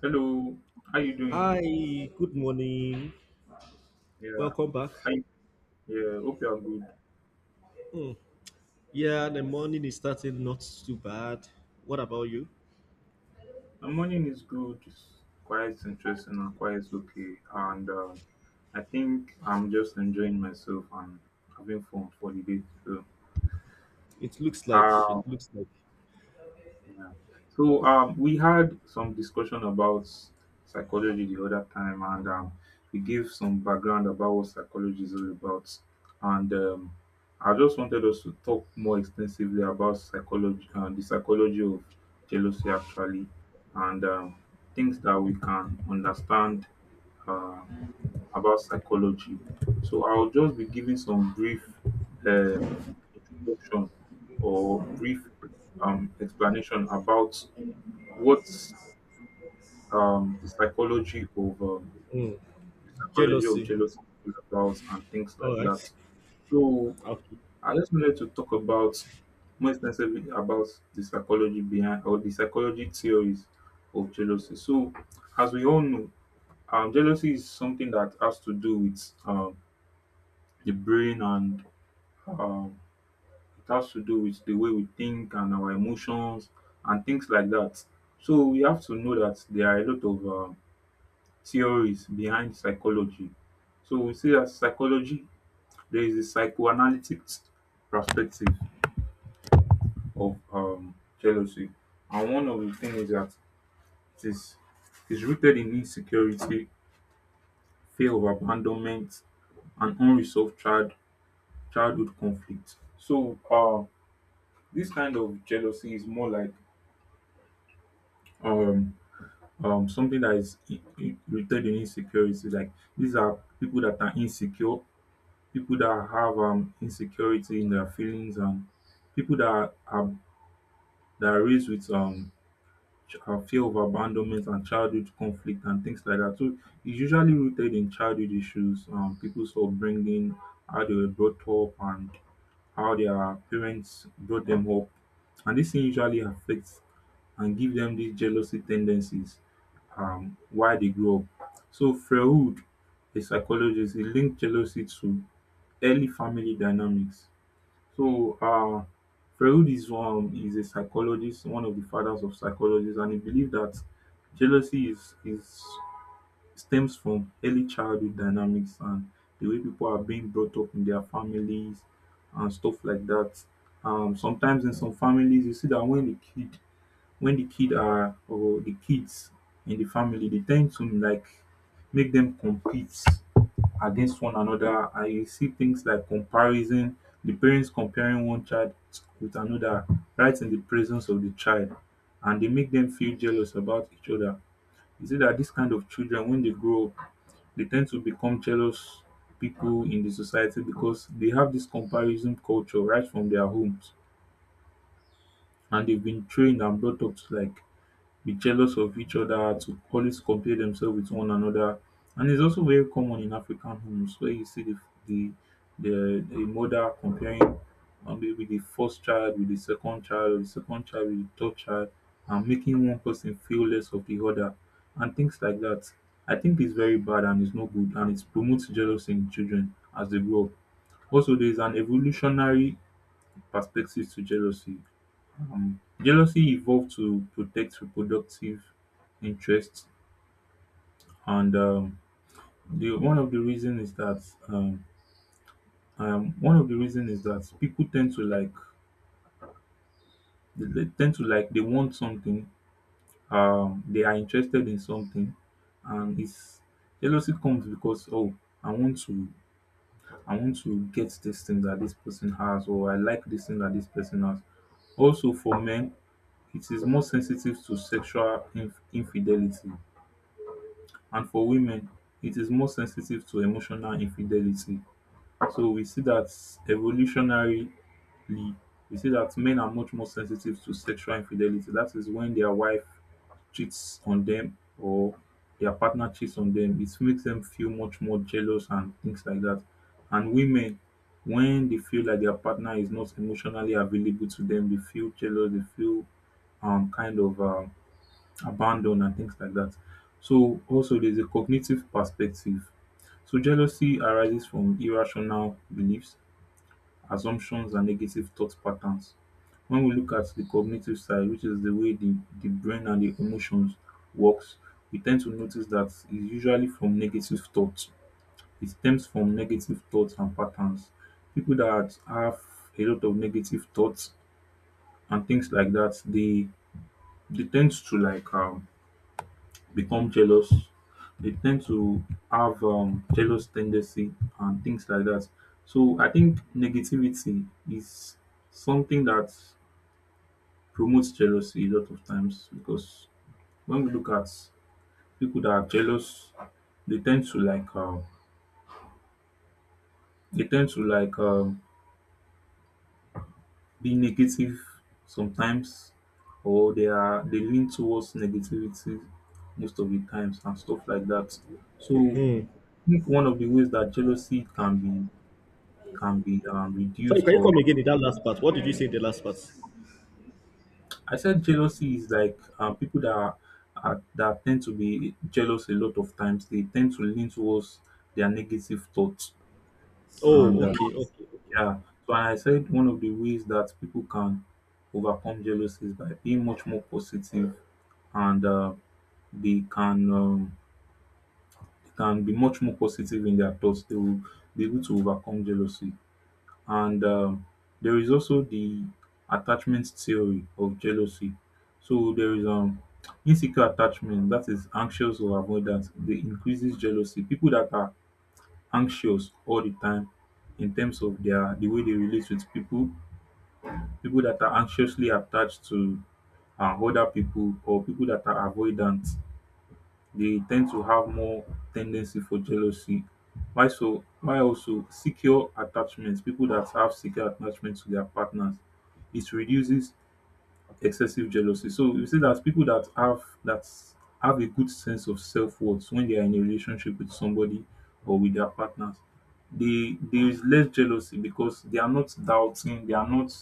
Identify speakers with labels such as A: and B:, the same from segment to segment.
A: Hello, how you doing?
B: Hi, good morning.
A: Yeah,
B: Welcome back.
A: I yeah, hope you are good.
B: Hmm, Yeah, the morning is starting not too bad. What about you?
A: My morning is good. It's quite interesting and quite okay. And I think I'm just enjoying myself and having fun for the day. So, um,
B: It looks like
A: yeah. So we had some discussion about psychology the other time, and we gave some background about what psychology is all about. And I just wanted us to talk more extensively about psychology and the psychology of jealousy, actually, and things that we can understand. Uh, about psychology. So I'll just be giving some brief um, introduction or brief explanation about what um, the psychology of um,
B: hmm,
A: the psychology of
B: Jealousy.
A: jealousy is about and things like
B: All
A: that.
B: right.
A: So
B: Okay.
A: I just wanted to talk about more extensively about the psychology behind or the psychology theories of jealousy. So as we all know, jealousy is something that has to do with the brain and um, it has to do with the way we think and our emotions and things like that. So we have to know that there are a lot of theories behind psychology. So we see that psychology, there is a psychoanalytic perspective of jealousy, and one of the things is that it is rooted in insecurity, fear of abandonment, and unresolved childhood conflict. So this kind of jealousy is more like um, something that is rooted in insecurity. Like, these are people that are insecure. People that have insecurity in their feelings, and people that are raised with fear of abandonment and childhood conflict and things like that. So it's usually rooted in childhood issues, people's upbringing, how they were brought up and how their parents brought them up, and this thing usually affects and give them these jealousy tendencies while they grow up. So Freud, a psychologist, he linked jealousy to early family dynamics. So Freud is a psychologist, one of the fathers of psychology, and he believed that jealousy is stems from early childhood dynamics and the way people are being brought up in their families and stuff like that. Sometimes in some families, you see that when the kids in the family, they tend to like make them compete against one another, and you see things like comparison, the parents comparing one child with another right in the presence of the child, and they make them feel jealous about each other. You see that this kind of children, when they grow up, they tend to become jealous people in the society because they have this comparison culture right from their homes, and they've been trained and brought up to like be jealous of each other, to always compare themselves with one another. And its also very common in African homes where you see the the di mother comparing maybe the first child with the second child, or di second child with the third child, and making one person feel less of the other, and things like that. I think its very bad and its no good, and it promotes jealousy in children as they grow up. Also, there is an evolutionary perspective to jealousy. Jealousy evolved to protect reproductive interests, and the one of the reason is that one of the reason is that people tend to like they want something, they are interested in something, and it's jealousy comes because, oh, I want to I want to get this thing that this person has, or I like this thing that this person has. Also, for men, it is more sensitive to sexual infidelity. And for women, it is more sensitive to emotional infidelity. So we see that, evolutionarily, we see that men are much more sensitive to sexual infidelity. That is when their wife cheats on them or their partner cheats on them. It makes them feel much more jealous and things like that. And women, when they feel like their partner is not emotionally available to them, they feel jealous, they feel kind of abandon and things like that. So also there's a cognitive perspective. So jealousy arises from irrational beliefs, assumptions, and negative thought patterns. When we look at the cognitive side, which is the way the brain and the emotions works, we tend to notice that it's usually from negative thoughts. It stems from negative thoughts and patterns. People that have a lot of negative thoughts and things like that, they tend to like become jealous. They tend to have jealous tendency and things like that. So I think negativity is something that promotes jealousy a lot of times, because when we look at people that are jealous, they tend to like they tend to like um, be negative sometimes, or they lean towards negativity most of the times and stuff like that. So
B: Hmm.
A: I think one of the ways that jealousy can be
B: Sorry,
A: reduced
B: can you
A: or.
B: come again in that last part? What did you say in the last part?
A: I said jealousy is like people that are that tend to be jealous a lot of times. They tend to lean towards their negative thoughts. And
B: Oh, okay, okay, okay.
A: yeah, so I said one of the ways that people can overcome jealousy is by being much more positive. And they can um, they can be much more positive in their thoughts, they will be able to overcome jealousy. And there is also the attachment theory of jealousy. So there is insecure attachment, that is anxious or avoidant. They increases jealousy. People that are anxious all the time in terms of the way they relate with people, people that are anxiously attached to other people, or people that are avoidant, they tend to have more tendency for jealousy. Why so? Why also secure attachments? People that have secure attachment to their partners, it reduces excessive jealousy. So you see that people that have a good sense of self worth, when they are in a relationship with somebody or with their partners, they there is less jealousy, because they are not doubting, they are not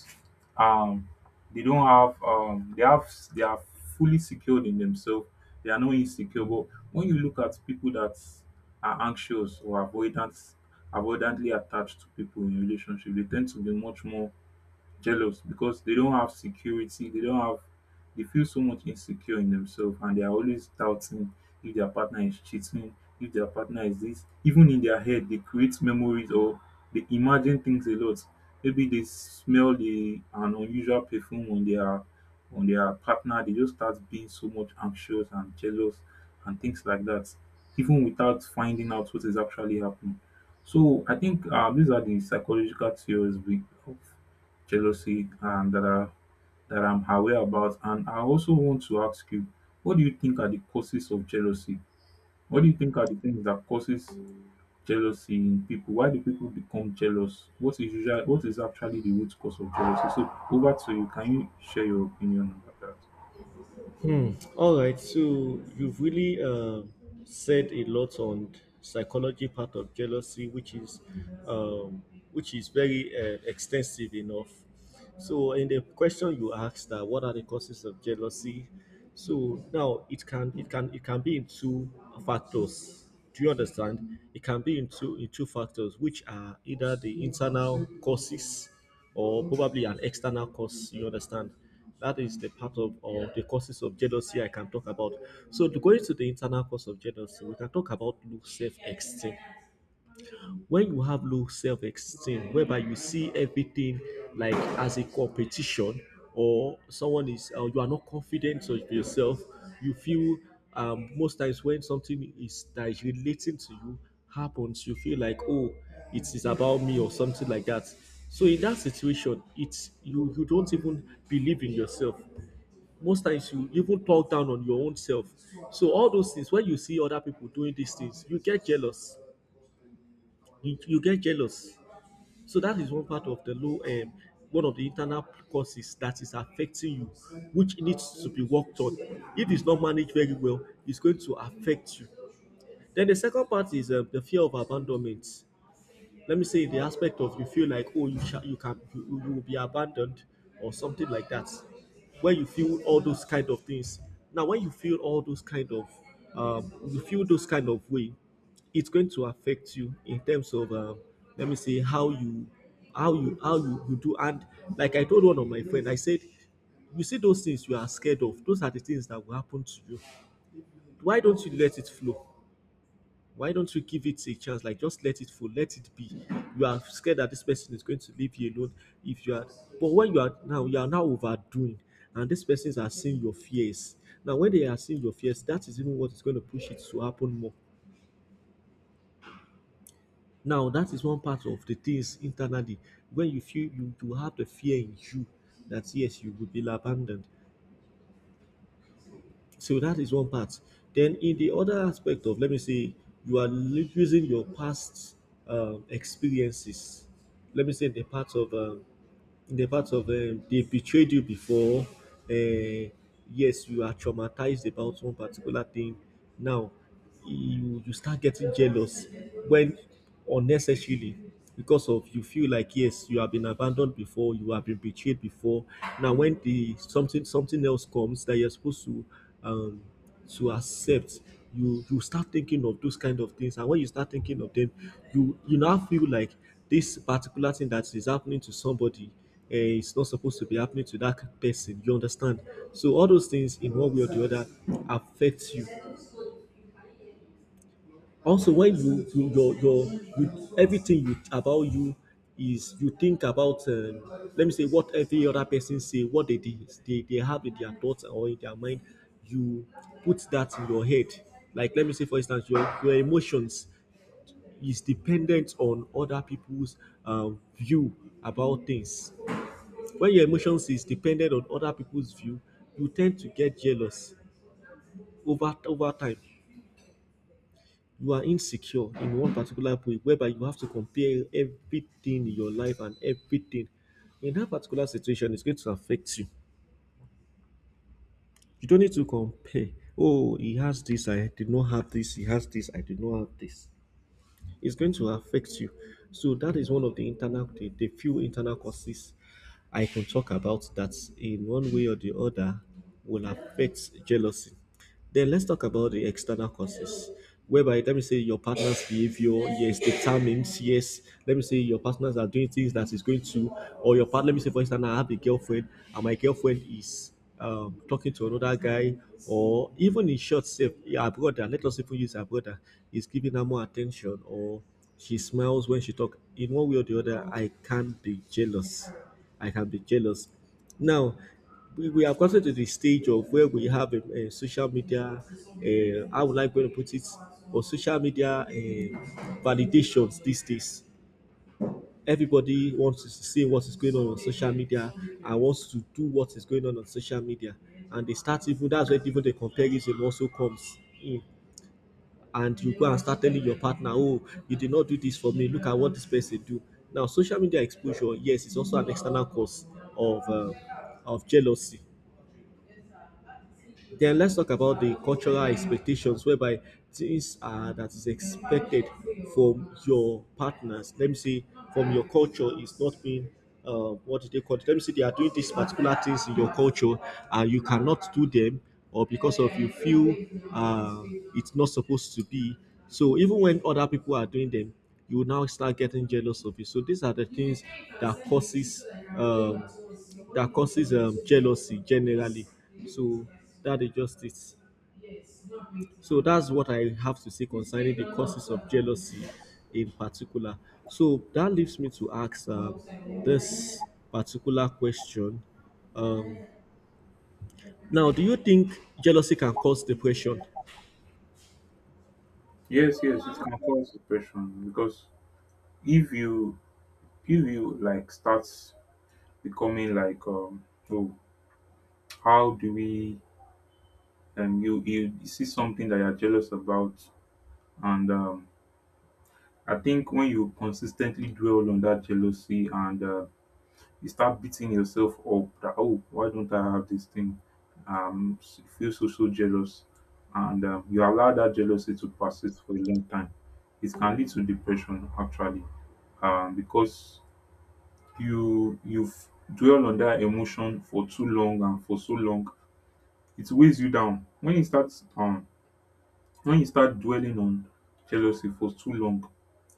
A: um they don't have they have they are fully secured in themselves, they are not insecure. But when you look at people that are anxious or avoidantly attached to people in relationship, they tend to be much more jealous, because they don't have security, they don't have they feel so much insecure in themselves, and they are always doubting, if their partner is cheating, if their partner is this, even in their head they create memories, or they imagine things a lot. Maybe they smell the an unusual perfume on their partner, they just start being so much anxious and jealous and things like that, even without finding out what is actually happening. So I think these are the psychological theories of jealousy and that are that I'm aware about. And I also want to ask you, what do you think are the causes of jealousy? What do you think are the things that causes jealousy in people? Why do people become jealous? What is actually the root cause of jealousy? So over to you. Can you share your opinion about that?
B: All right, so you've really said a lot on psychology part of jealousy, um, which is very extensive enough. So in the question you asked, that what are the causes of jealousy? So now it can be in two factors. Do you understand? It can be in two factors, which are either the internal causes or probably an external cause, you understand? That is the part of, or the causes of jealousy I can talk about. So going to go into the internal cause of jealousy, we can talk about low self-esteem. When you have low self-esteem, whereby you see everything like as a competition, or someone is you are not confident of yourself, you feel, most times when something is that is relating to you happens, you feel like, oh, it is about me, or something like that. So in that situation, it's you you don't even believe in yourself. Most times you even talk down on your own self. So all those things, when you see other people doing these things, you get jealous. You get jealous. So that is one part of one of the internal causes that is affecting you, which needs to be worked on. If it's not managed very well, it's going to affect you. Then the second part is the fear of abandonment. Let me say the aspect of, you feel like, oh, you you can, you will be abandoned, or something like that. When you feel all those kind of things, now when you feel all those kind of, you feel those kind of way, it's going to affect you in terms of, let me say, how you do. And like I told one of my friend, I said, you see those things you are scared of, those are the things that will happen to you. Why don't you let it flow? Why don't you give it a chance? Like, just let it flow, let it be. You are scared that this person is going to leave you alone. If you are but when you are, now you are now overdoing, and these persons are seeing your fears. Now when they are seeing your fears, that is even what is going to push it to happen more. Now that is one part of the things internally, when you feel you have the fear in you that yes, you will be abandoned. So that is one part. Then in the other aspect of, let me say, you are using your past experiences. Let me say the part of, in the part of, they betrayed you before. Uh, yes, you are traumatized about one particular thing. Now, you start getting jealous when, unnecessarily, because, of you feel like, yes, you have been abandoned before, you have been betrayed before. Now when the something, something else comes that you're supposed to, um to accept, you start thinking of those kind of things. And when you start thinking of them, you now feel like, this particular thing that is happening to somebody, is not supposed to be happening to that person, you understand? So all those things in one way or the other affect you. Also, when you your you, everything you about you is, you think about, let me say, what every other person say, what they did, they have in their thoughts or in their mind, you put that in your head. Like, let me say, for instance, your emotions is dependent on other people's, view about things. When your emotions is dependent on other people's view, you tend to get jealous over time. You are insecure in one particular way, whereby you have to compare everything in your life. And everything in that particular situation, it's going to affect you. You don't need to compare, oh, he has this, I did not have this, he has this, I did not have this. It's going to affect you. So that is one of the internal, the few internal causes I can talk about, that in one way or the other will affect jealousy. Then let's talk about the external causes, whereby, let me say, your partner's behavior, yes, determines, yes, let me say, your partners are doing things that is going to, or your partner, let me say for instance, I have a girlfriend, and my girlfriend is, talking to another guy, or even in short, say, yeah, her brother, let us even use her brother, is giving her more attention, or she smiles when she talk. In one way or the other, I can be jealous. I can be jealous. Now, we have gotten to the stage of where we have a social media, I would like to put it, or social media validations these days. Everybody wants to see what is going on social media, and wants to do what is going on social media. And they start, even that's where even the comparison also comes in, and you go and start telling your partner, oh, you did not do this for me, look at what this person do. Now, social media exposure, yes, is also an external cause of, of jealousy. Then let's talk about the cultural expectations, whereby things that is expected from your partners. Let me see, from your culture, is not being, what do they call it? Let me see, they are doing these particular things in your culture, and you cannot do them, or because of, you feel, uh, it's not supposed to be. So even when other people are doing them, you will now start getting jealous of it. So these are the things that um, causes jealousy generally. So that is just it. So that's what I have to say concerning the causes of jealousy in particular. So that leaves me to ask, this particular question. Um, Now, do you think jealousy can cause depression?
A: Yes, yes, it can cause depression, because if you like start becoming like oh how do we you see something that you're jealous about. And I think when you consistently dwell on that jealousy, and you start beating yourself up that, oh, why don't I have this thing? S- you feel so, so jealous. And you allow that jealousy to persist for a long time. It can lead to depression, actually, because you you've dwell on that emotion for too long, and for so long, it weighs you down. When you start dwelling on jealousy for too long,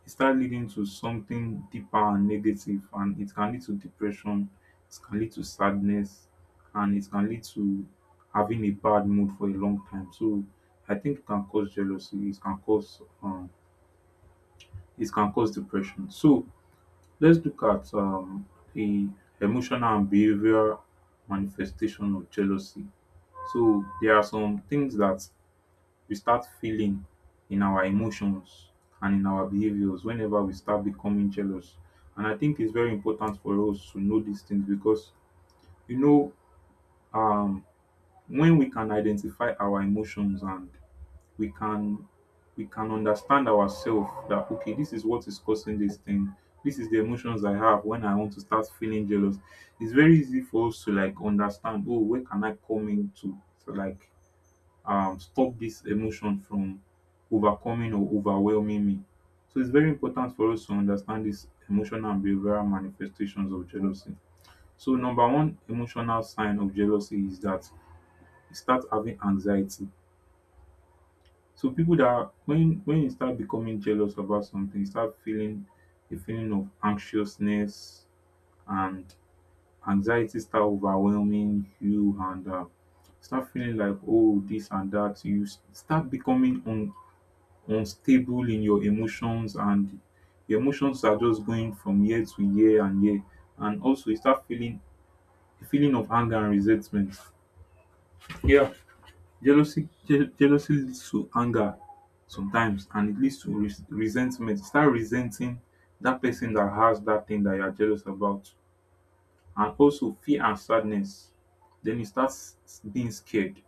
A: it start leading to something deeper and negative, and it can lead to depression, it can lead to sadness, and it can lead to having a bad mood for a long time. So I think it can cause jealousy, it can cause depression. So let's look at the emotional and behavioral manifestation of jealousy. So there are some things that we start feeling in our emotions and in our behaviors whenever we start becoming jealous. And I think it's very important for us to know these things because, you know, um, when we can identify our emotions, and we can understand ourselves that, okay, this is what is causing this thing. This is the emotions I have when I want to start feeling jealous. It's very easy for us to like understand. Oh, where can I come into to like stop this emotion from overcoming or overwhelming me. So it's very important for us to understand these emotional and behavioral manifestations of jealousy. So number one emotional sign of jealousy is that you start having anxiety. So when you start becoming jealous about something, you start feeling a feeling of anxiousness and anxiety start overwhelming you, and start feeling like, oh, this and that. You start becoming unstable in your emotions, and your emotions are just going from year to year and year. And also you start feeling a feeling of anger and resentment. Yeah. Jealousy, jealousy leads to anger sometimes, and it leads to resentment. You start resenting that person that has that thing that you're jealous about. And also fear and sadness. Then you start being scared. You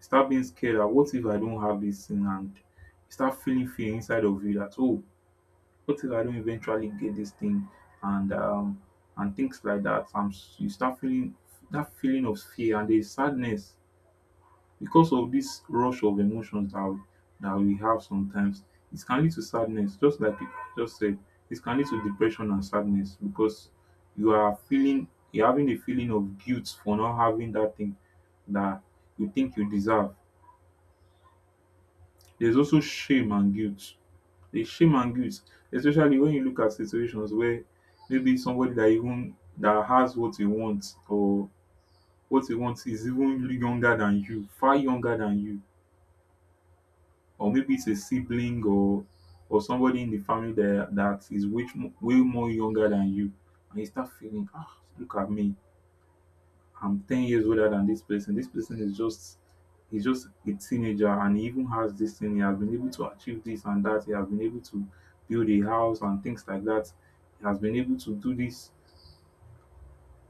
A: start being scared that what if I don't have this thing, and you start feeling fear inside of you that, oh, what if I don't eventually get this thing and um and things like that? And you start feeling that feeling of fear, and there's sadness because of this rush of emotions that we have sometimes. It can lead to sadness, just like you just said. It can lead to depression and sadness because you are feeling, you're having a feeling of guilt for not having that thing that you think you deserve. There's also shame and guilt. The shame and guilt, especially when you look at situations where maybe somebody that even that has what you want, or what you want is even younger than you, far younger than you, or maybe it's a sibling, or somebody in the family that is way way more younger than you, and you start feeling, ah, look at me, I'm 10 years older than this person. This person is just, he's just a teenager, and he even has this thing. He has been able to achieve this and that. He has been able to build a house and things like that. He has been able to do this,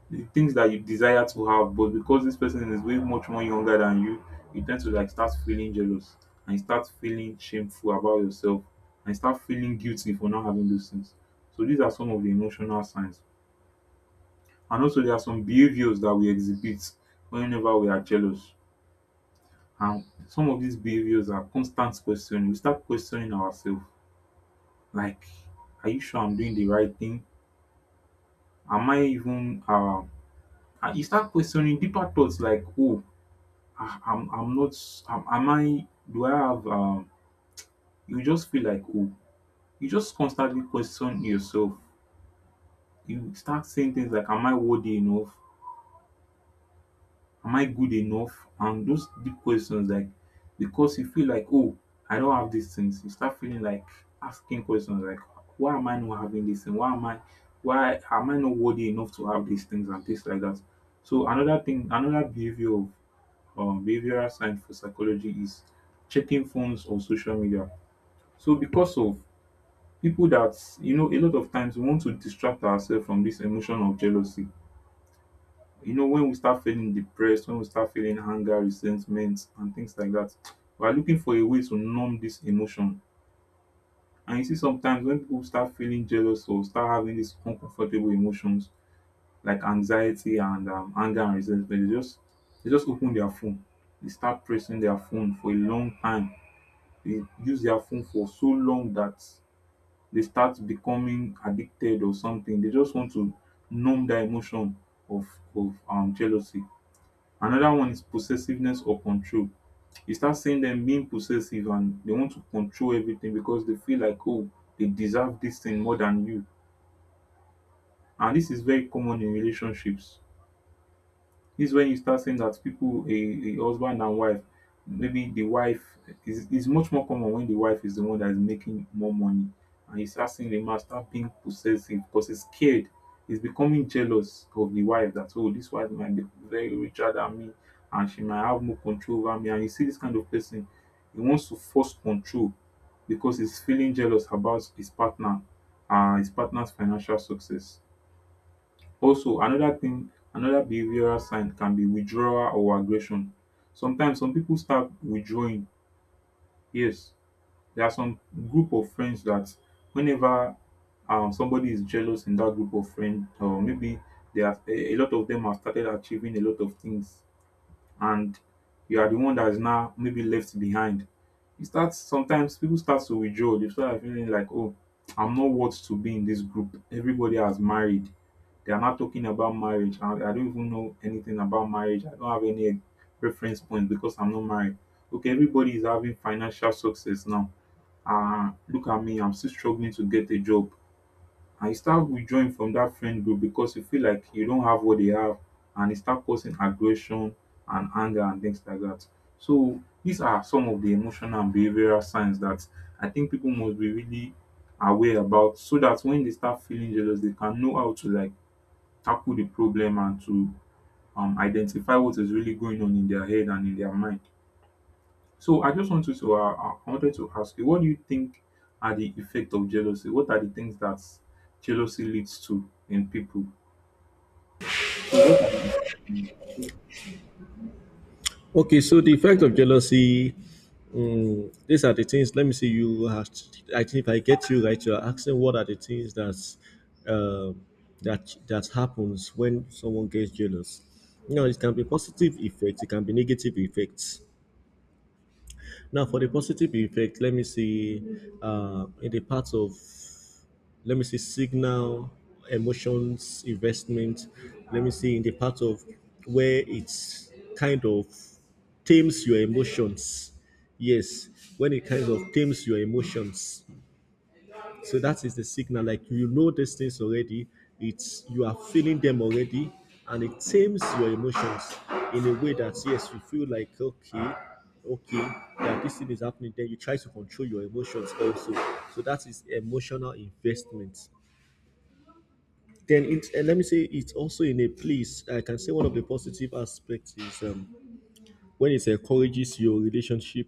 A: the things that you desire to have, but because this person is way much more younger than you, you tend to like start feeling jealous, and you start feeling shameful about yourself, and you start feeling guilty for not having those things. So these are some of the emotional signs. And also there are some behaviors that we exhibit whenever we are jealous. And some of these behaviors are constant questioning. We start questioning ourselves. Like, are you sure I'm doing the right thing? Am I even and you start questioning deeper thoughts like, oh, I'm not, am, am I, do I have you just feel like, oh, you just constantly question yourself. You start saying things like, am I worthy enough? Am I good enough? And those deep questions like, because you feel like, oh, I don't have these things, you start feeling like asking questions like, why am I not having this thing? Why am I, why am I not worthy enough to have these things and things like that? So another thing, another behavior of behavioral science for psychology is checking phones or social media. So because of people that, you know, a lot of times we want to distract ourselves from this emotion of jealousy, you know, when we start feeling depressed, when we start feeling anger, resentment, and things like that, we are looking for a way to numb this emotion. And you see, sometimes when people start feeling jealous or start having these uncomfortable emotions like anxiety and anger and resentment, they just, they just open their phone. They start pressing their phone for a long time. They use their phone for so long that they start becoming addicted or something. They just want to numb that emotion of jealousy. Another one is possessiveness or control. You start seeing them being possessive, and they want to control everything because they feel like, oh, they deserve this thing more than you. And this is very common in relationships. This is when you start saying that people, a husband and wife, maybe the wife is much more common when the wife is the one that is making more money, and you start seeing the man start being possessive because he's scared. He's becoming jealous of the wife that, oh, this wife might be very richer than me, and she might have more control over me. And you see this kind of person, he wants to force control because he's feeling jealous about his partner, his partner's financial success. Also, another thing, another behavioral sign can be withdrawal or aggression. Sometimes some people start withdrawing. Yes, there are some group of friends that whenever somebody is jealous in that group of friends, or maybe they have a lot of them have started achieving a lot of things, and you are the one that is now maybe left behind. You start, sometimes people start to withdraw. They start feeling like, oh, I'm not worth to be in this group. Everybody has married. They are not talking about marriage. I don't even know anything about marriage. I don't have any reference point because I'm not married. Okay, everybody is having financial success now. Ah, look at me, I'm still struggling to get a job. And you start withdrawing from that friend group because you feel like you don't have what they have, and it start causing aggression and anger and things like that. So these are some of the emotional and behavioral signs that I think people must be really aware about, so that when they start feeling jealous, they can know how to like tackle the problem and to identify what is really going on in their head and in their mind. So I just wanted to I wanted to ask you, what do you think are the effect of jealousy? What are the things that jealousy leads to in people? So what are the—
B: Okay, so the effect of jealousy, these are the things. Let me see. You have. I think if I get you right, you are asking what are the things uh, that that happens when someone gets jealous. You know, it can be positive effects, it can be negative effects. Now, for the positive effect, let me see, in the part of, let me see, signal, emotions, investment. Let me see, in the part of where it's kind of tames your emotions. Yes, when it kind of tames your emotions, so that is the signal. Like, you know these things already. It's, you are feeling them already, and it tames your emotions in a way that, yes, you feel like, okay, okay, that this thing is happening. Then you try to control your emotions also. So that is emotional investment. Then it, and let me say it's also in a place. I can say one of the positive aspects is, when it encourages your relationship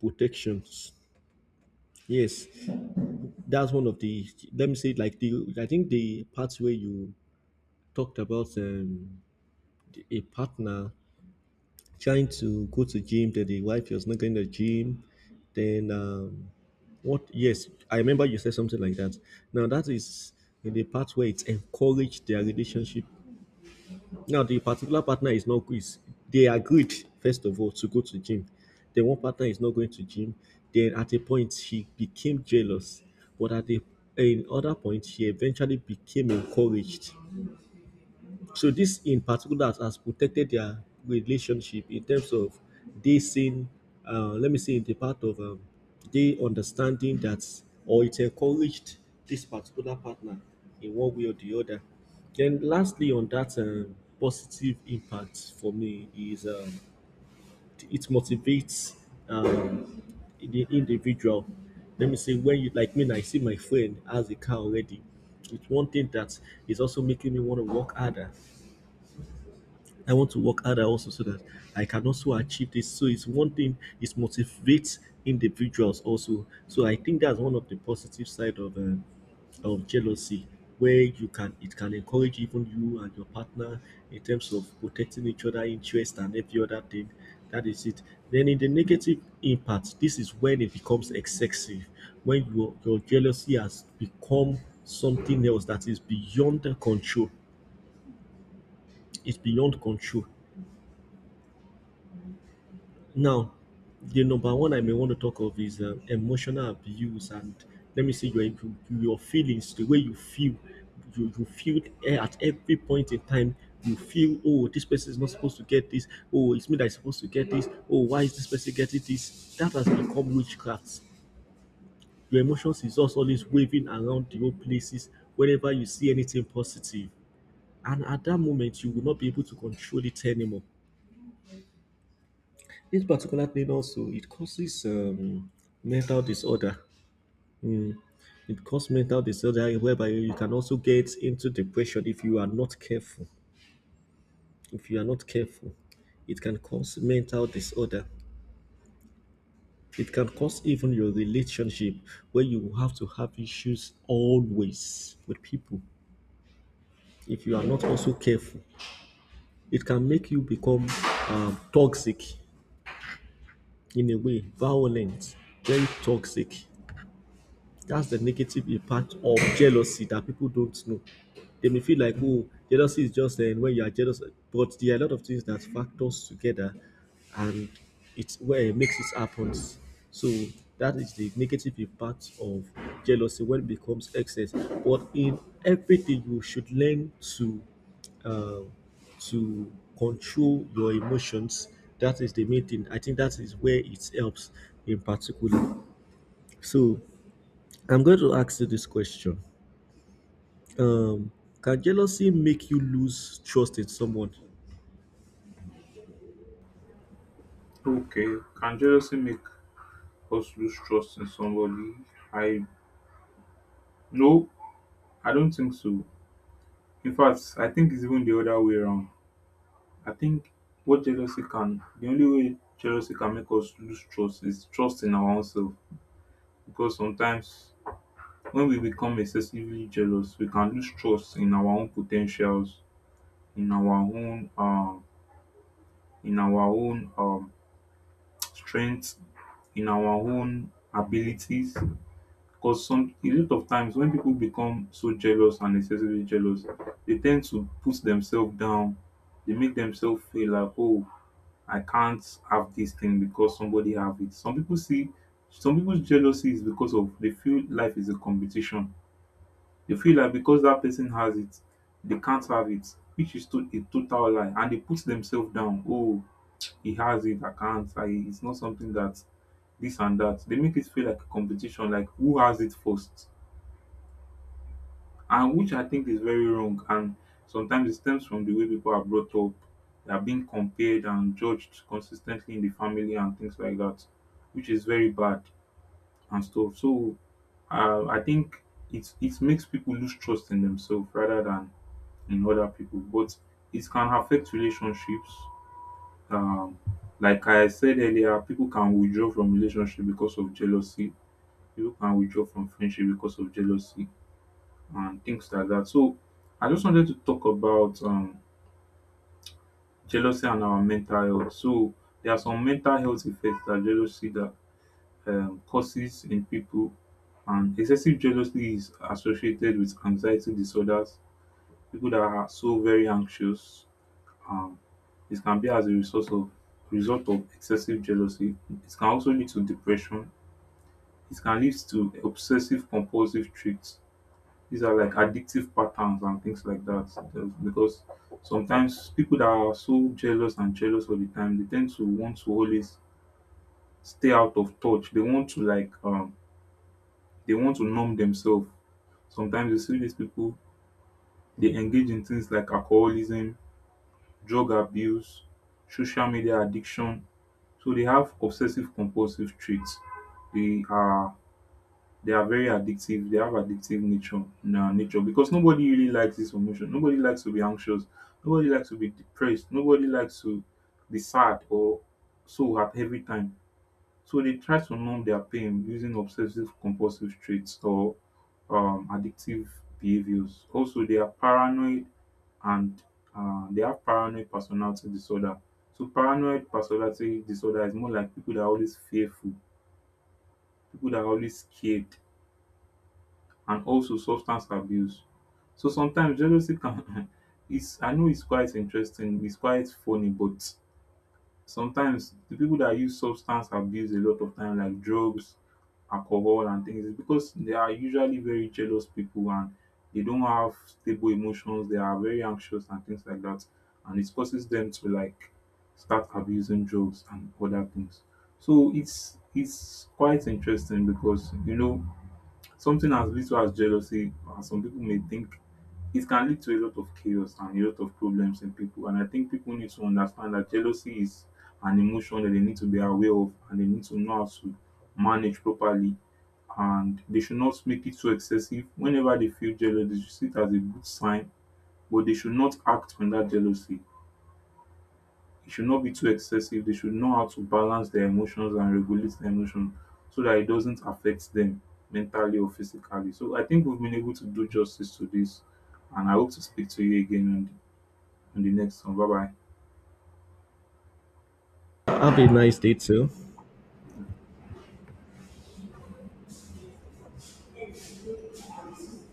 B: protections. Yes, that's one of the, let me say, like the, I think the part where you talked about, a partner trying to go to gym, that the wife was not going to gym. Then what? Yes, I remember you said something like that. Now that is in the part where it encouraged their relationship. Now the particular partner is not is, they agreed first of all to go to gym. Then one partner is not going to gym. Then at a point she became jealous, but at the, in other point, she eventually became encouraged. So this in particular has protected their relationship in terms of they seeing, let me say, in the part of, they understanding that, or it encouraged this particular partner in one way or the other. Then lastly, on that, positive impact for me is, it motivates, um, the individual. Let me say, when you, like me, I see my friend has a car already. It's one thing that is also making me want to work harder. I want to work harder also, so that I can also achieve this. So it's one thing, it motivates individuals also. So I think that's one of the positive side of, of jealousy, where you can, it can encourage even you and your partner in terms of protecting each other interest and every other thing. That is it. Then in the negative impact, this is when it becomes excessive, when your jealousy has become something else that is beyond the control. It's beyond control. Now, the number one I may want to talk of is, emotional abuse, and let me say your, feelings, the way you feel, you feel, eh, at every point in time. You feel, oh, this person is not supposed to get this. Oh, it's me that's supposed to get this. Oh, why is this person getting this? That has become witchcraft. Your emotions is just always waving around the old places whenever you see anything positive, and at that moment you will not be able to control it anymore. This particular thing also, it causes, mental disorder. Mm. It causes mental disorder, whereby you can also get into depression if you are not careful. If you are not careful, it can cause mental disorder. It can cause even your relationship, where you have to have issues always with people, if you are not also careful. It can make you become, toxic, in a way, violent, very toxic. That's the negative impact of jealousy that people don't know. They may feel like, oh, jealousy is just, when you are jealous, but there are a lot of things that factors together, and it's where it makes it happen. So that is the negative impact of jealousy when it becomes excess. But in everything, you should learn to, uh, to control your emotions. That is the main thing. I think that is where it helps in particular. So I'm going to ask you this question. Can jealousy make you lose trust in someone?
A: Okay, can jealousy make us lose trust in somebody? I, no, I don't think so. In fact, I think it's even the other way around. I think what jealousy can, the only way jealousy can make us lose trust is trust in our own self, because sometimes when we become excessively jealous, we can lose trust in our own potentials, in our own uh, in our own strength, in our own abilities, because some, a lot of times when people become so jealous and excessively jealous, they tend to put themselves down. They make themselves feel like, oh, I can't have this thing because somebody have it. Some people see, some people's jealousy is because of, they feel life is a competition. They feel like because that person has it, they can't have it, which is to, a total lie, and they put themselves down. Oh, he has it, I can't. I it's not something that this and that. They make it feel like a competition, like who has it first, and which I think is very wrong. And sometimes it stems from the way people are brought up. They are being compared and judged consistently in the family and things like that, which is very bad and stuff. So I think it, it makes people lose trust in themselves rather than in other people, but it can affect relationships. Um, like I said earlier, people can withdraw from relationship because of jealousy. People can withdraw from friendship because of jealousy and things like that. So I just wanted to talk about jealousy and our mental health. So there are some mental health effects that jealousy, that causes in people, and excessive jealousy is associated with anxiety disorders. People that are so very anxious, um it can be as a result of, result of excessive jealousy. It can also lead to depression. It can lead to obsessive compulsive traits. These are like addictive patterns and things like that. Because sometimes people that are so jealous and jealous all the time, they tend to want to always stay out of touch. They want to like they want to numb themselves. Sometimes you see these people, they engage in things like alcoholism, drug abuse, social media addiction. So they have obsessive compulsive traits. They are, they are very addictive. They have addictive nature, na nature, because nobody really likes this emotion. Nobody likes to be anxious. Nobody likes to be depressed. Nobody likes to be sad or so at every time. So they try to numb their pain using obsessive compulsive traits or addictive behaviors. Also, they are paranoid and they have paranoid personality disorder. So, paranoid personality disorder is more like people that are always fearful, people that are always scared, and also substance abuse. So sometimes jealousy can. It's, I know it's quite interesting. It's quite funny, but sometimes the people that use substance abuse a lot of time, like drugs, alcohol and things, is because they are usually very jealous people, and they don't have stable emotions. They are very anxious and things like that. And it causes them to like start abusing drugs and other things. So it's quite interesting because, you know, something as little as jealousy, as some people may think, it can lead to a lot of chaos and a lot of problems in people. And I think people need to understand that jealousy is an emotion that they need to be aware of, and they need to know how to manage properly. And they should not make it so excessive. Whenever they feel jealous, they should see it as a good sign, but they should not act on that jealousy. It should not be too excessive. They should know how to balance their emotions and regulate their emotions so that it doesn't affect them mentally or physically. So I think we've been able to do justice to this, and I hope to speak to you again on, in the next one. Bye bye.
B: Have a nice day, too.